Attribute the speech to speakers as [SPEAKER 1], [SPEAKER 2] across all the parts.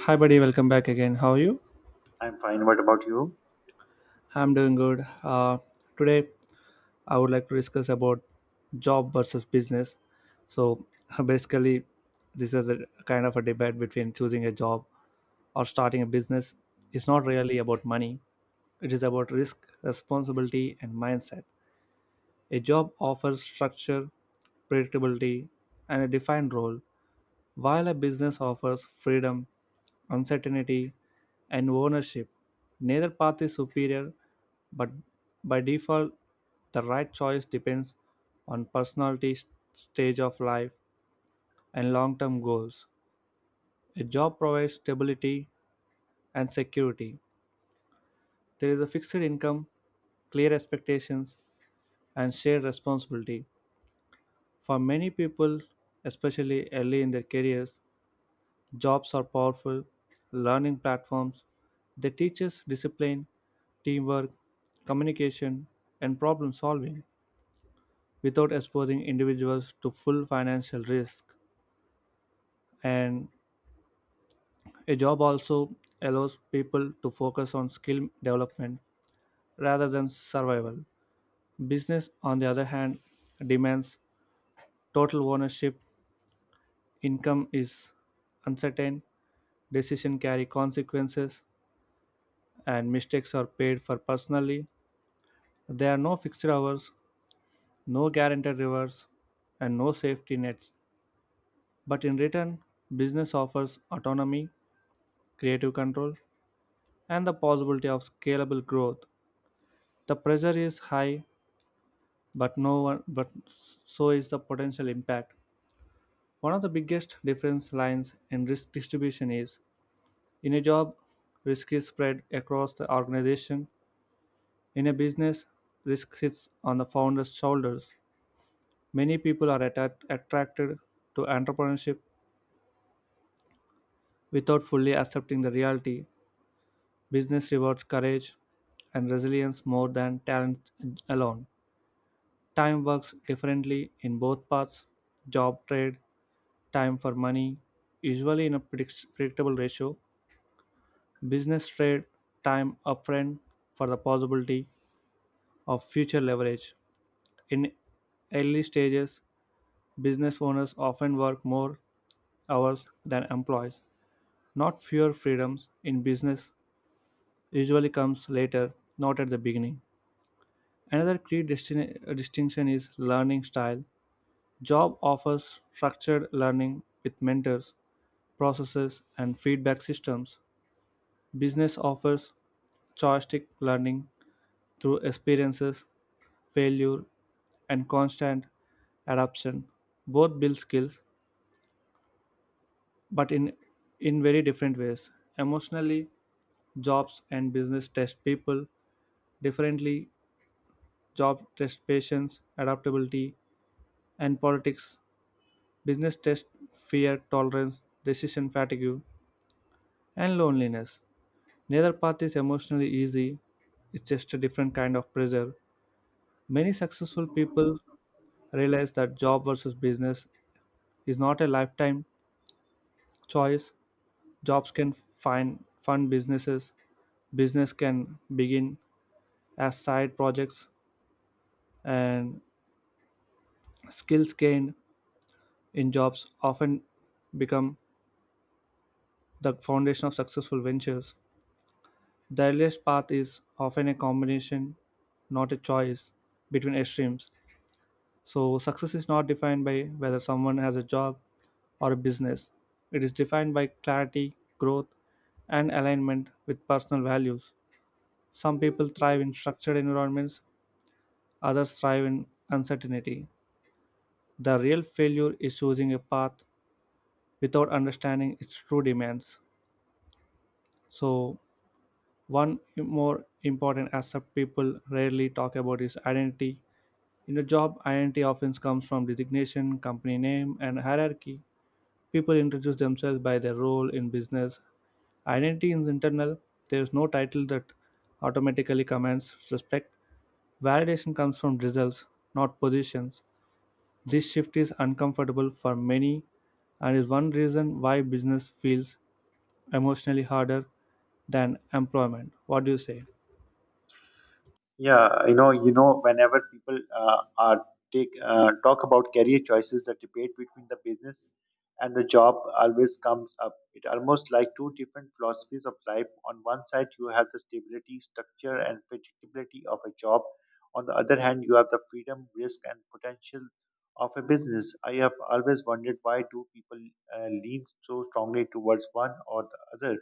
[SPEAKER 1] Hi, buddy. Welcome back again. How are you?
[SPEAKER 2] I'm fine. What about you?
[SPEAKER 1] I'm doing good. Today, I would like to discuss about job versus business. So, basically, this is a kind of a debate between choosing a job or starting a business. It's not really about money. It is about risk, responsibility, and mindset. A job offers structure, predictability, and a defined role, while a business offers freedom, uncertainty, and ownership. Neither path is superior, but by default, the right choice depends on personality, stage of life, and long term goals. A job provides stability and security. There is a fixed income, clear expectations, and shared responsibility. For many people, especially early in their careers, jobs are powerful learning platforms. They teach us discipline, teamwork, communication, and problem solving without exposing individuals to full financial risk. And a job also allows people to focus on skill development rather than survival. Business, on the other hand, demands total ownership, income is uncertain, decisions carry consequences, and mistakes are paid for personally. There are no fixed hours, no guaranteed rewards, and no safety nets. But in return, business offers autonomy, creative control, and the possibility of scalable growth. The pressure is high, but no one, but so is the potential impact. One of the biggest difference lines in risk distribution is in a job, risk is spread across the organization. In a business, risk sits on the founder's shoulders. Many people are attracted to entrepreneurship. Without fully accepting the reality, business rewards courage and resilience more than talent alone. Time works differently in both paths job trade, time for money, usually in a predictable ratio. Business trade time upfront for the possibility of future leverage. In early stages, business owners often work more hours than employees. Not fewer freedoms in business usually comes later, not at the beginning. Another key distinction is learning style. Job offers structured learning with mentors, processes, and feedback systems. Business offers choiceistic learning through experiences, failure, and constant adaptation. Both build skills, but in very different ways. Emotionally, jobs and business test people differently. Job test patience, adaptability, and politics. Business test fear tolerance, decision fatigue, and loneliness. Neither path is emotionally easy, it's just a different kind of pressure. Many successful people realize that job versus business is not a lifetime choice. Jobs can find fund businesses, business can begin as side projects, and skills gained in jobs often become the foundation of successful ventures. The earliest path is often a combination, not a choice, between extremes. So, success is not defined by whether someone has a job or a business, it is defined by clarity, growth, and alignment with personal values. Some people thrive in structured environments, others thrive in uncertainty. The real failure is choosing a path without understanding its true demands. So, one more important aspect people rarely talk about is identity. In a job, identity often comes from designation, company name, and hierarchy. People introduce themselves by their role in business. Identity is internal, there is no title that automatically commands respect. Validation comes from results, not positions. This shift is uncomfortable for many and is one reason why business feels emotionally harder than employment. What do you say?
[SPEAKER 2] Yeah, whenever people are take talk about career choices, the debate between the business and the job always comes up. It almost like two different philosophies of life. On one side, you have the stability, structure, and predictability of a job. On the other hand, you have the freedom, risk, and potential of a business. I have always wondered why do people lean so strongly towards one or the other.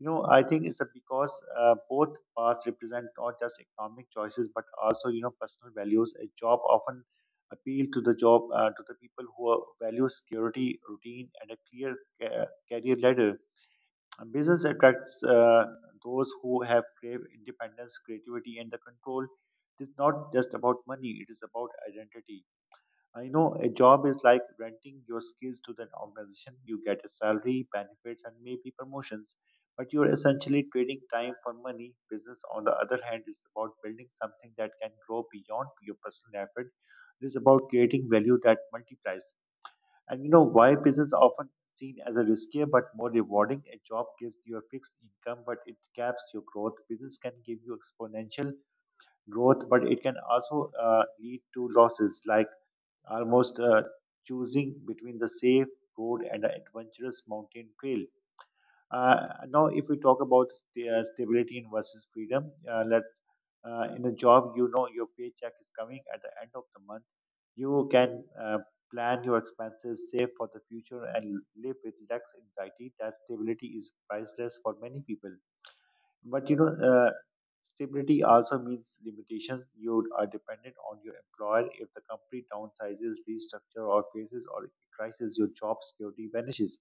[SPEAKER 2] You know, I think because both paths represent not just economic choices but also you know personal values. A job often appeal to the job to the people who value security, routine, and a clear career ladder. And business attracts those who have crave independence, creativity, and the control. It is not just about money; it is about identity. I know a job is like renting your skills to an organization. You get a salary, benefits, and maybe promotions, but you're essentially trading time for money. Business, on the other hand, is about building something that can grow beyond your personal effort. It is about creating value that multiplies. And you know why business is often seen as a riskier but more rewarding. A job gives you a fixed income, but it caps your growth. Business can give you exponential growth, but it can also lead to losses, like almost choosing between the safe road and the adventurous mountain trail. Now, if we talk about stability in versus freedom, let's in a job, you know your paycheck is coming at the end of the month. You can plan your expenses, save for the future, and live with less anxiety. That stability is priceless for many people. But you know, stability also means limitations. You are dependent on your employer. If the company downsizes, restructure, or faces or crisis, your job security vanishes.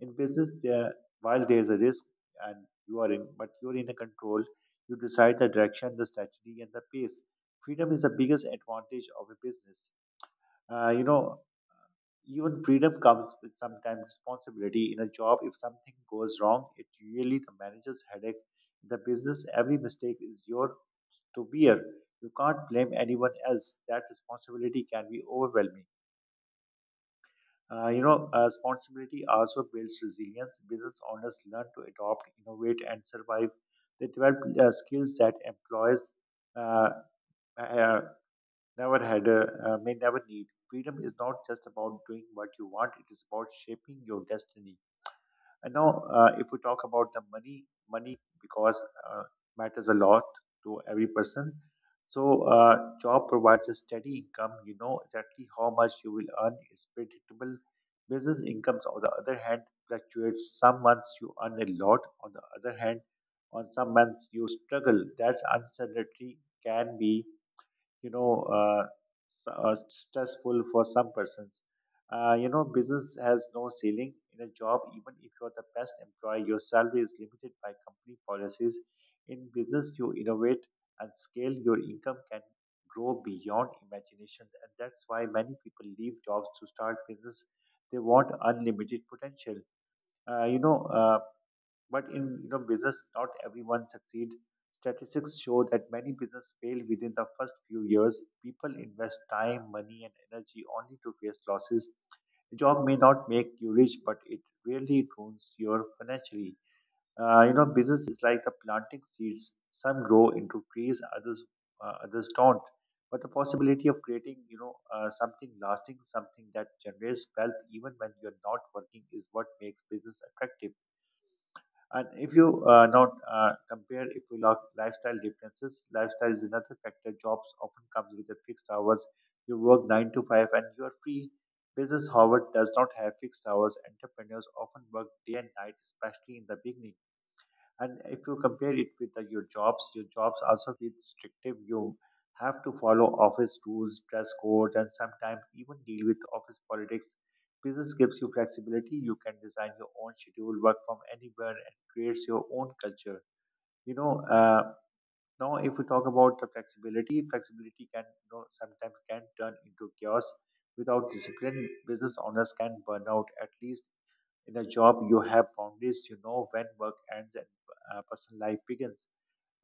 [SPEAKER 2] In business, there while there is a risk, and you are in, but you are in a control. You decide the direction, the strategy, and the pace. Freedom is the biggest advantage of a business. Uh, you know, even freedom comes with sometimes responsibility. In a job, if something goes wrong, it really the manager's headache. In the business, every mistake is your to bear. You can't blame anyone else. That responsibility can be overwhelming. Responsibility also builds resilience. Business owners learn to adopt, innovate, and survive. They develop skills that employees uh, uh, never may never need. Freedom is not just about doing what you want; it is about shaping your destiny. And now, if we talk about the money because uh, matters a lot to every person. So, job provides a steady income. You know exactly how much you will earn. It's predictable. Business incomes, on the other hand, fluctuates. Some months you earn a lot. On the other hand, on some months you struggle. That's uncertainty can be you know uh, stressful for some persons. Business has no ceiling in a job. Even if you're the best employee, your salary is limited by company policies. In business, you innovate and scale. Your income can grow beyond imagination, and that's why many people leave jobs to start business. They want unlimited potential. Uh, you know. Uh, but in you know business, not everyone succeed. Statistics show that many business fail within the first few years. People invest time, money, and energy only to face losses. A job may not make you rich, but it really ruins your financially. Business is like the planting seeds. Some grow into trees, others don't. But the possibility of creating, you know, something lasting, something that generates wealth even when you're not working, is what makes business attractive. And if you not compare, if you look lifestyle differences, lifestyle is another factor. Jobs often comes with a fixed hours. You work nine to five and you are free. Business, however, does not have fixed hours. Entrepreneurs often work day and night, especially in the beginning. And if you compare it with your jobs also feel restrictive. You have to follow office rules, dress codes, and sometimes even deal with office politics. Business gives you flexibility. You can design your own schedule, work from anywhere, and creates your own culture. you know uh, now if we talk about the flexibility can, you know, sometimes can turn into chaos without discipline. Business owners can burn out. At least in a job, you have boundaries. You know when work ends and personal life begins.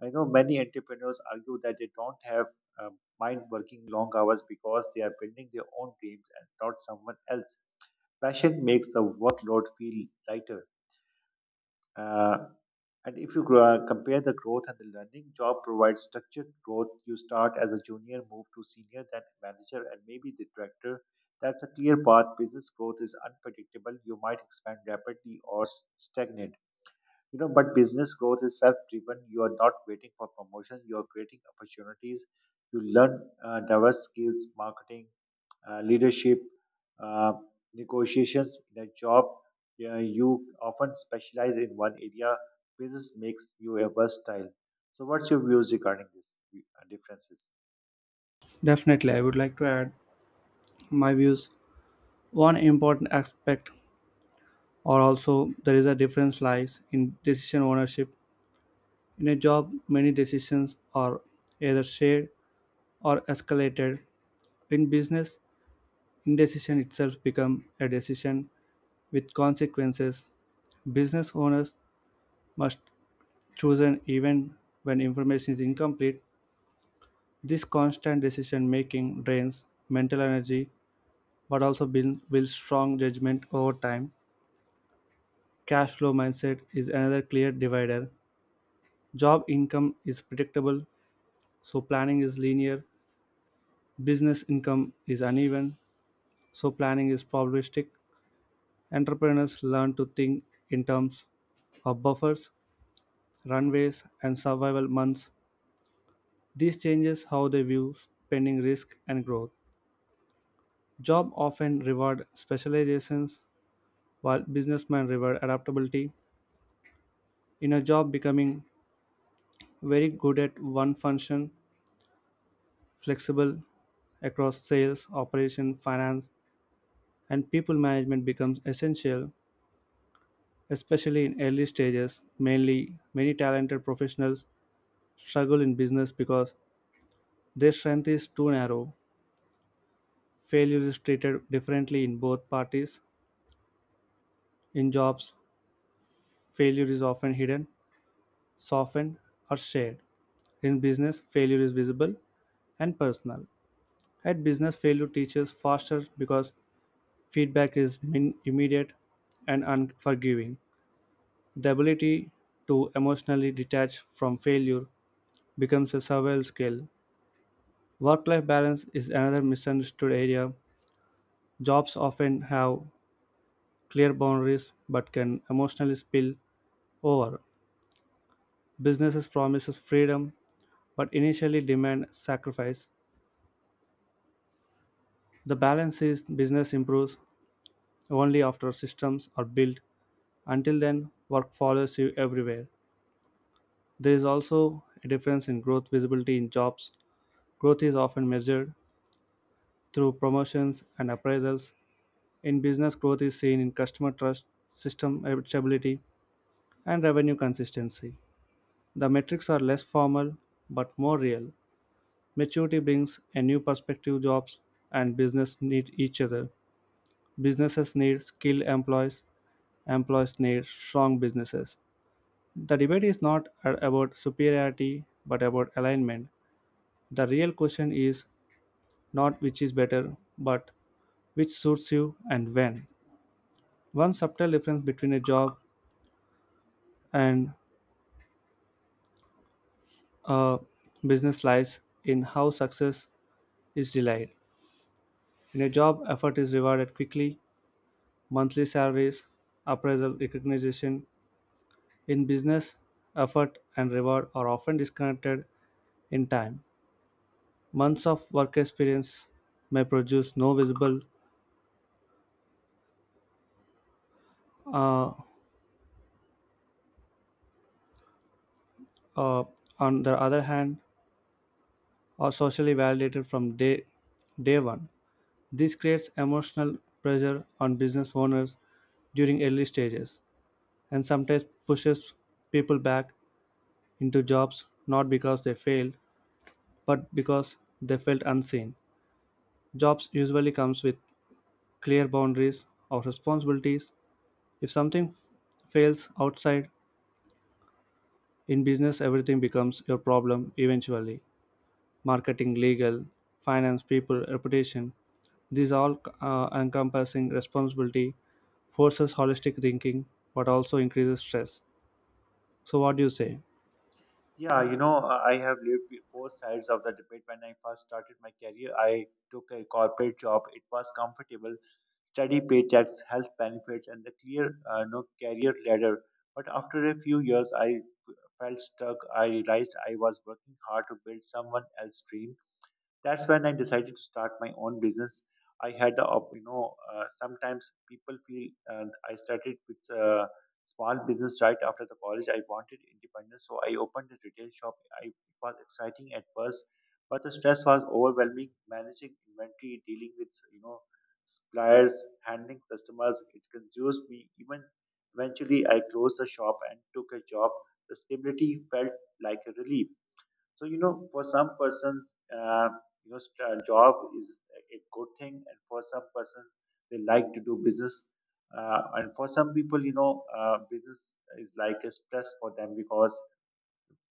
[SPEAKER 2] I know many entrepreneurs argue that they don't have mind working long hours because they are building their own dreams and not someone else. Passion makes the workload feel lighter. Uh, and if you compare the growth and the learning, job provides structured growth. You start as a junior, move to senior, then manager, and maybe the director. That's a clear path. Business growth is unpredictable. You might expand rapidly or stagnate. You know, but business growth is self-driven. You are not waiting for promotion. You are creating opportunities. You learn diverse skills, marketing, leadership, uh, negotiations in a job. Yeah, you often specialize in one area. Business makes you a versatile. So, what's your views regarding this differences?
[SPEAKER 1] Definitely, I would like to add my views. One important aspect or also there is a difference lies in decision ownership in a job, many decisions are either shared or escalated. In business, indecision itself become a decision with consequences. Business owners must choose an even when information is incomplete. This constant decision making drains mental energy but also builds strong judgment over time. Cash flow mindset is another clear divider. Job income is predictable, so planning is linear. Business income is uneven, so planning is probabilistic. Entrepreneurs learn to think in terms of buffers, runways, and survival months. This changes how they view spending, risk, and growth. Job often reward specializations while businessmen reward adaptability. In a job, becoming very good at one function, flexible across sales, operation, finance, and people management becomes essential, especially in early stages. Mainly many talented professionals struggle in business because their strength is too narrow. Failure is treated differently in both parties. In jobs, failure is often hidden, softened, or shared. In business, failure is visible and personal. At business, failure teaches faster because feedback is immediate and unforgiving. The ability to emotionally detach from failure becomes a survival skill. Work life balance is another misunderstood area. Jobs often have clear boundaries but can emotionally spill over. Businesses promises freedom but initially demand sacrifice. The balance is business improves only after systems are built. Until then, work follows you everywhere. There is also a difference in growth visibility in jobs. Growth is often measured through promotions and appraisals. In business, growth is seen in customer trust, system stability, and revenue consistency. The metrics are less formal but more real. Maturity brings a new perspective jobs and business need each other. Businesses need skilled employees, employees need strong businesses. The debate is not about superiority but about alignment. The real question is not which is better but which suits you and when. One subtle difference between a job and a business lies in how success is delayed. In a job, effort is rewarded quickly, monthly salaries, appraisal, recognition. In business, effort and reward are often disconnected in time. Months of work experience may produce no visible. Uh, uh, on the other hand, are socially validated from day one. This creates emotional pressure on business owners during early stages and sometimes pushes people back into jobs not because they failed but because they felt unseen. Jobs usually comes with clear boundaries or responsibilities. If something fails outside in business, everything becomes your problem eventually. Marketing, legal, finance, people, reputation. These all encompassing responsibility forces holistic thinking but also increases stress. So what do you say?
[SPEAKER 2] Yeah, you know, I have lived both sides of the debate. When I first started my career, I took a corporate job. It was comfortable, steady paychecks, health benefits, and the clear no career ladder. But after a few years, I felt stuck. I realized I was working hard to build someone else's dream. That's when I decided to start my own business. I had the, op- you know, sometimes people feel, and I started with a small business right after the college. I wanted independence, so I opened a retail shop. It was exciting at first, but the stress was overwhelming. Managing inventory, dealing with, you know, suppliers, handling customers, it consumes me. Eventually, I closed the shop and took a job. The stability felt like a relief. So you know, for some persons, job is a good thing, and for some persons, they like to do business. And for some people, you know, business is like a stress for them because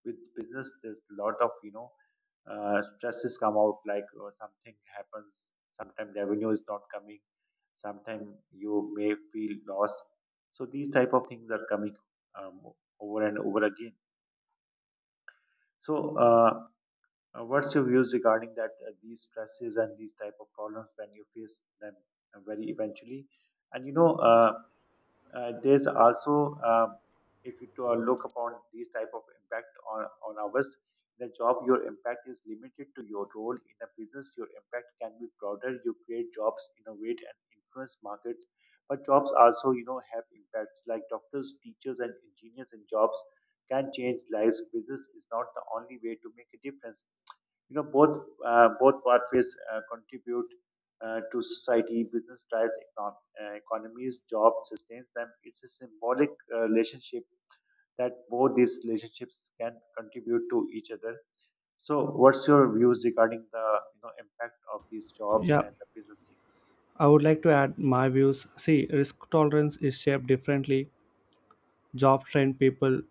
[SPEAKER 2] with business, there's a lot of stresses come out. Like something happens, sometimes revenue is not coming, sometimes you may feel loss. So these type of things are coming, um, over and over again. So. Uh, what's your views regarding that these stresses and these type of problems when you face them very eventually? And you know, there's also if you look upon these type of impact on ours. In a job your impact is limited to your role. In a business your impact can be broader. You create jobs, innovate, and influence markets. But jobs also, you know, have impacts, like doctors, teachers, and engineers, and jobs can change lives. Business is not the only way to make a difference. You know, both pathways contribute to society. Business drives economies, job sustains them. It's a symbolic relationship that both these relationships can contribute to each other. So, what's your views regarding the you know impact of these jobs
[SPEAKER 1] Yeah,
[SPEAKER 2] and the business thing?
[SPEAKER 1] I would like to add my views. See, risk tolerance is shaped differently. Job train people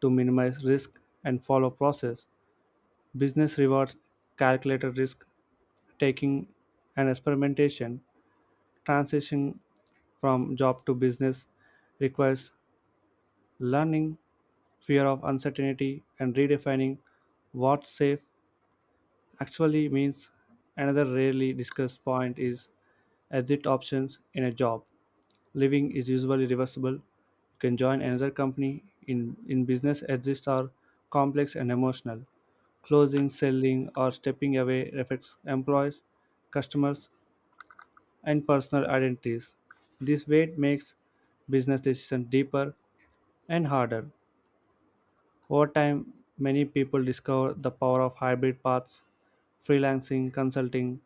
[SPEAKER 1] to minimize risk and follow process. Business rewards calculated risk taking and experimentation. Transition from job to business requires learning fear of uncertainty and redefining what safe actually means. Another rarely discussed point is exit options in a job. Leaving is usually reversible. You can join another company in business exits are complex and emotional. Closing, selling, or stepping away affects employees, customers, and personal identities. This weight makes business decisions deeper and harder. Over time, many people discover the power of hybrid paths, freelancing, consulting,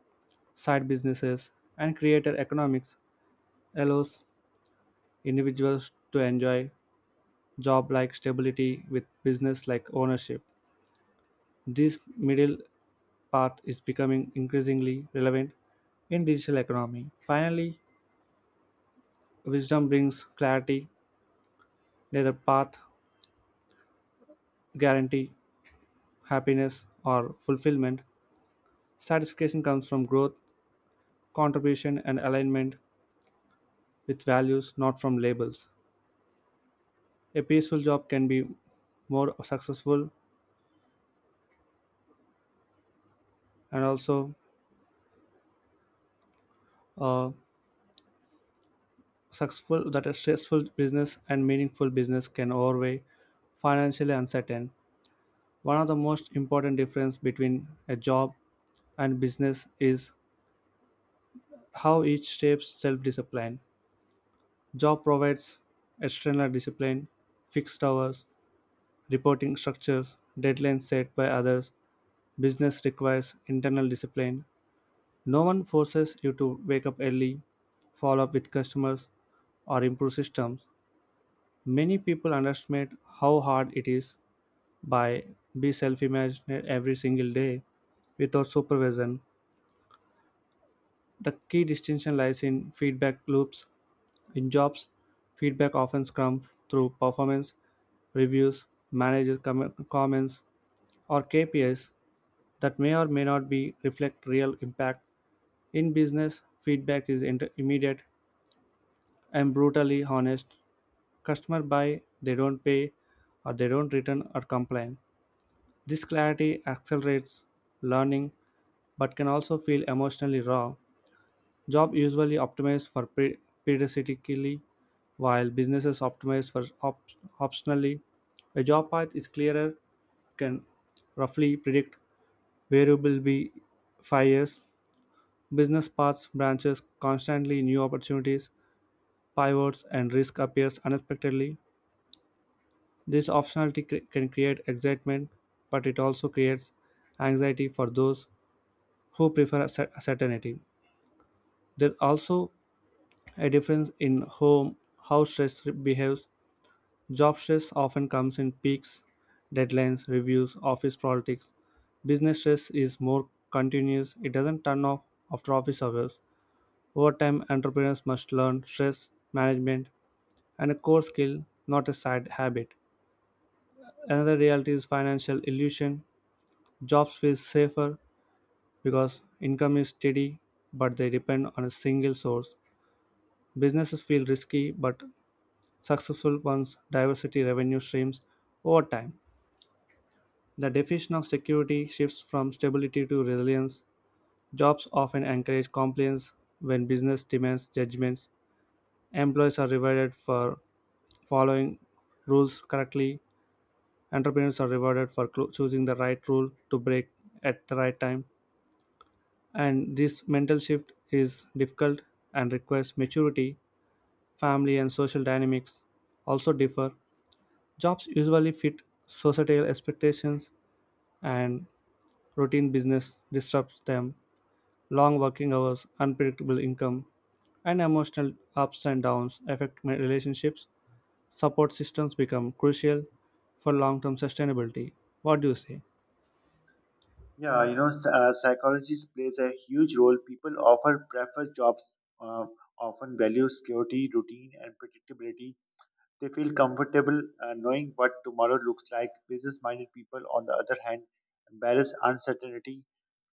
[SPEAKER 1] side businesses, and creator economics allows individuals to enjoy job like stability with business like ownership. This middle path is becoming increasingly relevant in digital economy. Finally, wisdom brings clarity. Neither path guarantee happiness or fulfillment. Satisfaction comes from growth, contribution, and alignment with values, not from labels. A peaceful job can be more successful and also uh, successful that a stressful business and meaningful business can overweigh financially uncertain. One of the most important difference between a job and business is how each shapes self-discipline. Job provides external discipline, fixed hours, reporting structures, deadlines set by others. Business requires internal discipline. No one forces you to wake up early, follow up with customers, or improve systems. Many people underestimate how hard it is by be self-imagined every single day without supervision. The key distinction lies in feedback loops. In jobs, feedback often comes through performance reviews, manager comments, or KPIs that may or may not be reflect real impact. In business, feedback is immediate and brutally honest. Customer buy, they don't pay, or they don't return or complain. This clarity accelerates learning, but can also feel emotionally raw. Job usually optimize for periodically, while businesses optimize for optionally. A job path is clearer, can roughly predict where you will be 5 years. Business paths branches constantly new opportunities, pivots, and risk appears unexpectedly. This optionality can create excitement, but it also creates anxiety for those who prefer certainty. There's also a difference in home how stress behaves. Job stress often comes in peaks, deadlines, reviews, office politics. Business stress is more continuous, it doesn't turn off after office hours. Over time, entrepreneurs must learn stress management and a core skill, not a side habit. Another reality is financial illusion. Jobs feel safer because income is steady, but they depend on a single source. Businesses feel risky, but successful ones diversity revenue streams over time. The definition of security shifts from stability to resilience. Jobs often encourage compliance when business demands judgments. Employees are rewarded for following rules correctly. Entrepreneurs are rewarded for choosing the right rule to break at the right time. And this mental shift is difficult and requires maturity. Family and social dynamics also differ. Jobs usually fit societal expectations, and routine business disrupts them. Long working hours, unpredictable income, and emotional ups and downs affect my relationships. Support systems become crucial for long-term sustainability. What do you say?
[SPEAKER 2] Yeah, you know, psychology plays a huge role. People often prefer jobs, often value security, routine, and predictability. They feel comfortable knowing what tomorrow looks like. Business minded people, on the other hand, embrace uncertainty.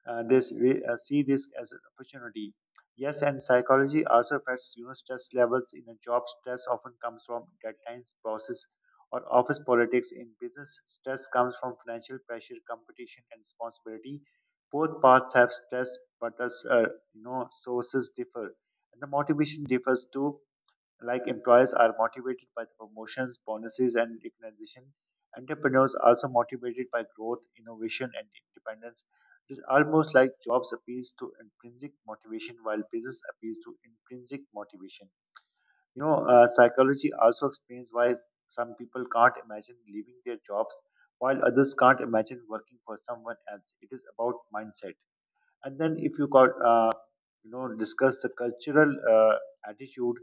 [SPEAKER 2] They see this as an opportunity. Yes, and psychology also affects, you know, stress levels in a job. Stress often comes from deadlines, bosses, or office politics. In business, stress comes from financial pressure, competition, and responsibility. Both paths have stress, but the sources differ, and the motivation differs too. Like employers are motivated by the promotions, bonuses, and recognition. Entrepreneurs are also motivated by growth, innovation, and independence. It is almost like jobs appeals to intrinsic motivation while business appeals to intrinsic motivation. You know, psychology also explains why some people can't imagine leaving their jobs while others can't imagine working for someone else. It is about mindset. And then if you got, discuss the cultural attitude,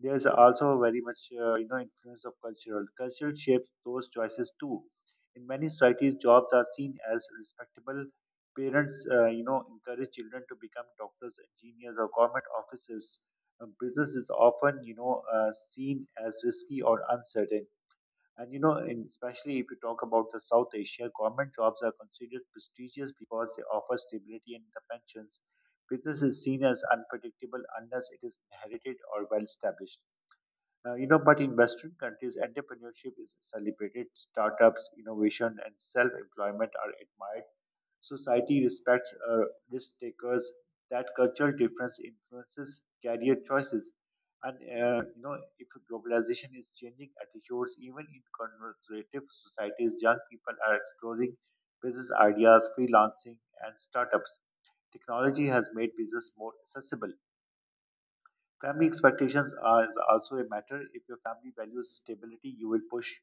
[SPEAKER 2] there's also very much, influence of cultural shapes those choices too. In many societies jobs are seen as respectable. Parents, encourage children to become doctors, engineers, or government officers. Business is often, you know, seen as risky or uncertain. And you know, in, especially if you talk about the South Asia, government jobs are considered prestigious because they offer stability and the pensions. Business is seen as unpredictable unless it is inherited or well established. But in Western countries, entrepreneurship is celebrated. Startups, innovation, and self-employment are admired. Society respects risk takers. That cultural difference influences career choices, and if globalization is changing attitudes, even in conservative societies, young people are exploring business ideas, freelancing, and startups. Technology has made business more accessible. Family expectations are is also a matter. If your family values stability, you will push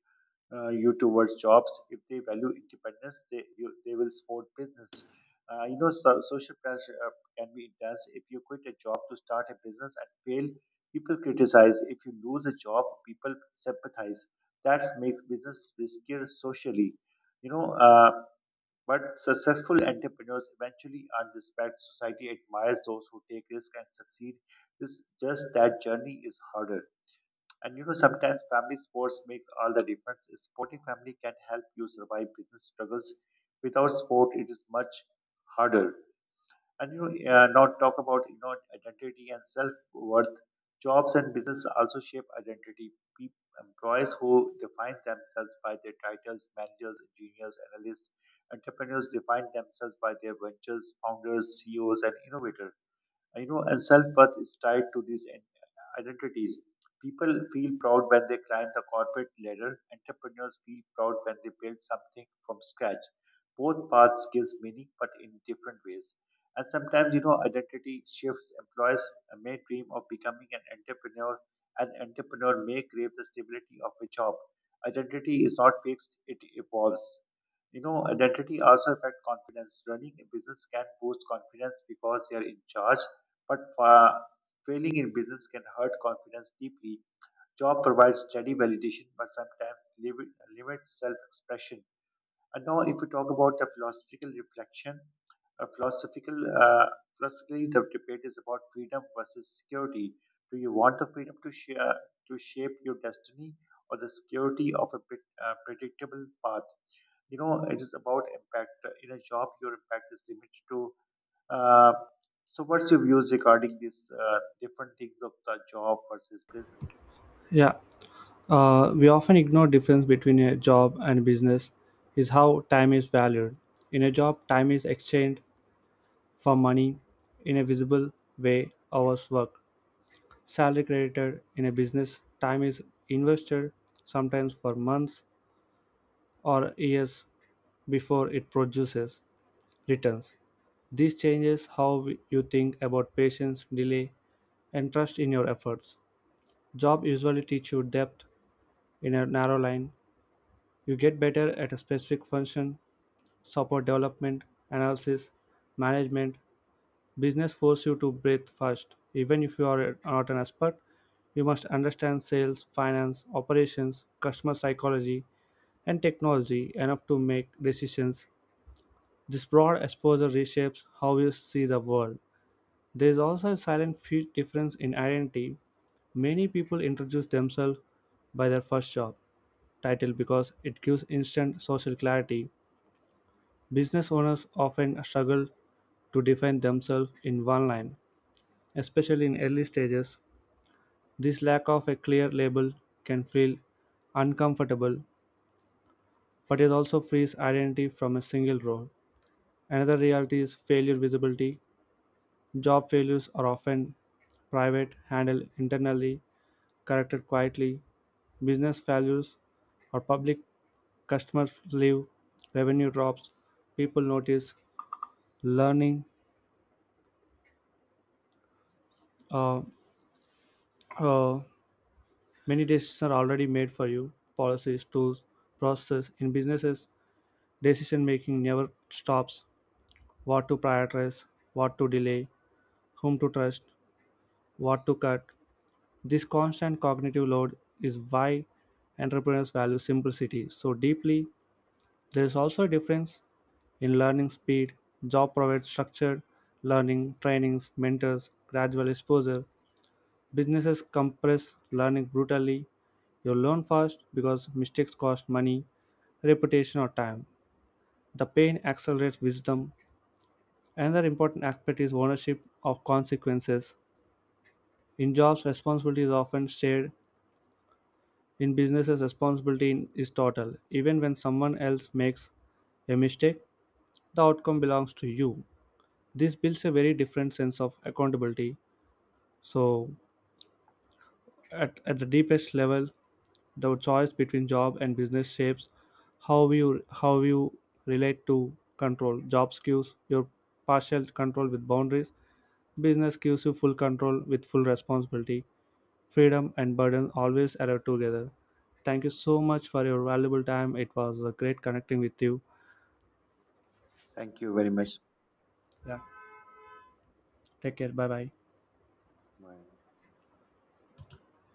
[SPEAKER 2] you towards jobs. If they value independence, they will support business. So, social pressure can be intense. If you quit a job to start a business and fail, people criticize. If you lose a job, people sympathize. That makes business riskier socially. You know. Uh, but successful entrepreneurs eventually earn respect. Society admires those who take risks and succeed. It's just that journey is harder. And you know, sometimes family sports makes all the difference. A supporting family can help you survive business struggles. Without support, it is much harder. And you know, not talk about you know identity and self worth. Jobs and business also shape identity. People, employees who define themselves by their titles, managers, engineers, analysts, entrepreneurs define themselves by their ventures, founders, CEOs, and innovators. You know, and self-worth is tied to these identities. People feel proud when they climb the corporate ladder. Entrepreneurs feel proud when they build something from scratch. Both paths gives meaning but in different ways. And sometimes you know identity shifts. Employees may dream of becoming an entrepreneur. An entrepreneur may crave the stability of a job. Identity is not fixed, it evolves. You know identity also affects confidence. Running a business can boost confidence because they are in charge. But failing in business can hurt confidence deeply. Job provides steady validation, but sometimes limits self-expression. And now, if we talk about the philosophical reflection, a philosophical uh, philosophically the debate is about freedom versus security. Do you want the freedom to shape your destiny, or the security of a predictable path? You know, it is about impact. In a job, your impact is limited to uh, so, what's your views regarding these different things of the job versus business?
[SPEAKER 1] Yeah, we often ignore difference between a job and business is how time is valued. In a job, time is exchanged for money in a visible way, hours worked, salary credited. In a business, time is invested sometimes for months or years before it produces returns. This changes how you think about patience, delay, and trust in your efforts. Job usually teach you depth in a narrow line. You get better at a specific function, support development, analysis, management. Business force you to breathe first. Even if you are not an expert, you must understand sales, finance, operations, customer psychology, and technology enough to make decisions. This broad exposure reshapes how you see the world. There is also a silent difference in identity. Many people introduce themselves by their first job title because it gives instant social clarity. Business owners often struggle to define themselves in one line, especially in early stages. This lack of a clear label can feel uncomfortable, but it also frees identity from a single role. Another reality is failure visibility. Job failures are often private, handled internally, corrected quietly, business values, or public customers leave, revenue drops, people notice, learning. Uh, uh, many decisions are already made for you. Policies, tools, processes in businesses, decision making never stops. What to prioritize, what to delay, whom to trust, what to cut. This constant cognitive load is why entrepreneurs value simplicity so deeply. There is also a difference in learning speed, job provides structured learning, trainings, mentors, gradual exposure. Businesses compress learning brutally. You learn fast because mistakes cost money, reputation, or time. The pain accelerates wisdom. Another important aspect is ownership of consequences. In jobs, responsibility is often shared. In businesses, responsibility is total. Even when someone else makes a mistake, the outcome belongs to you. This builds a very different sense of accountability. So at the deepest level, the choice between job and business shapes how you relate to control. Jobs gives your partial control with boundaries, business gives you full control with full responsibility. Freedom and burden always arrive together. Thank you so much for your valuable time. It was a great connecting with you.
[SPEAKER 2] Thank you very much.
[SPEAKER 1] Yeah, take care. Bye bye.
[SPEAKER 2] Bye.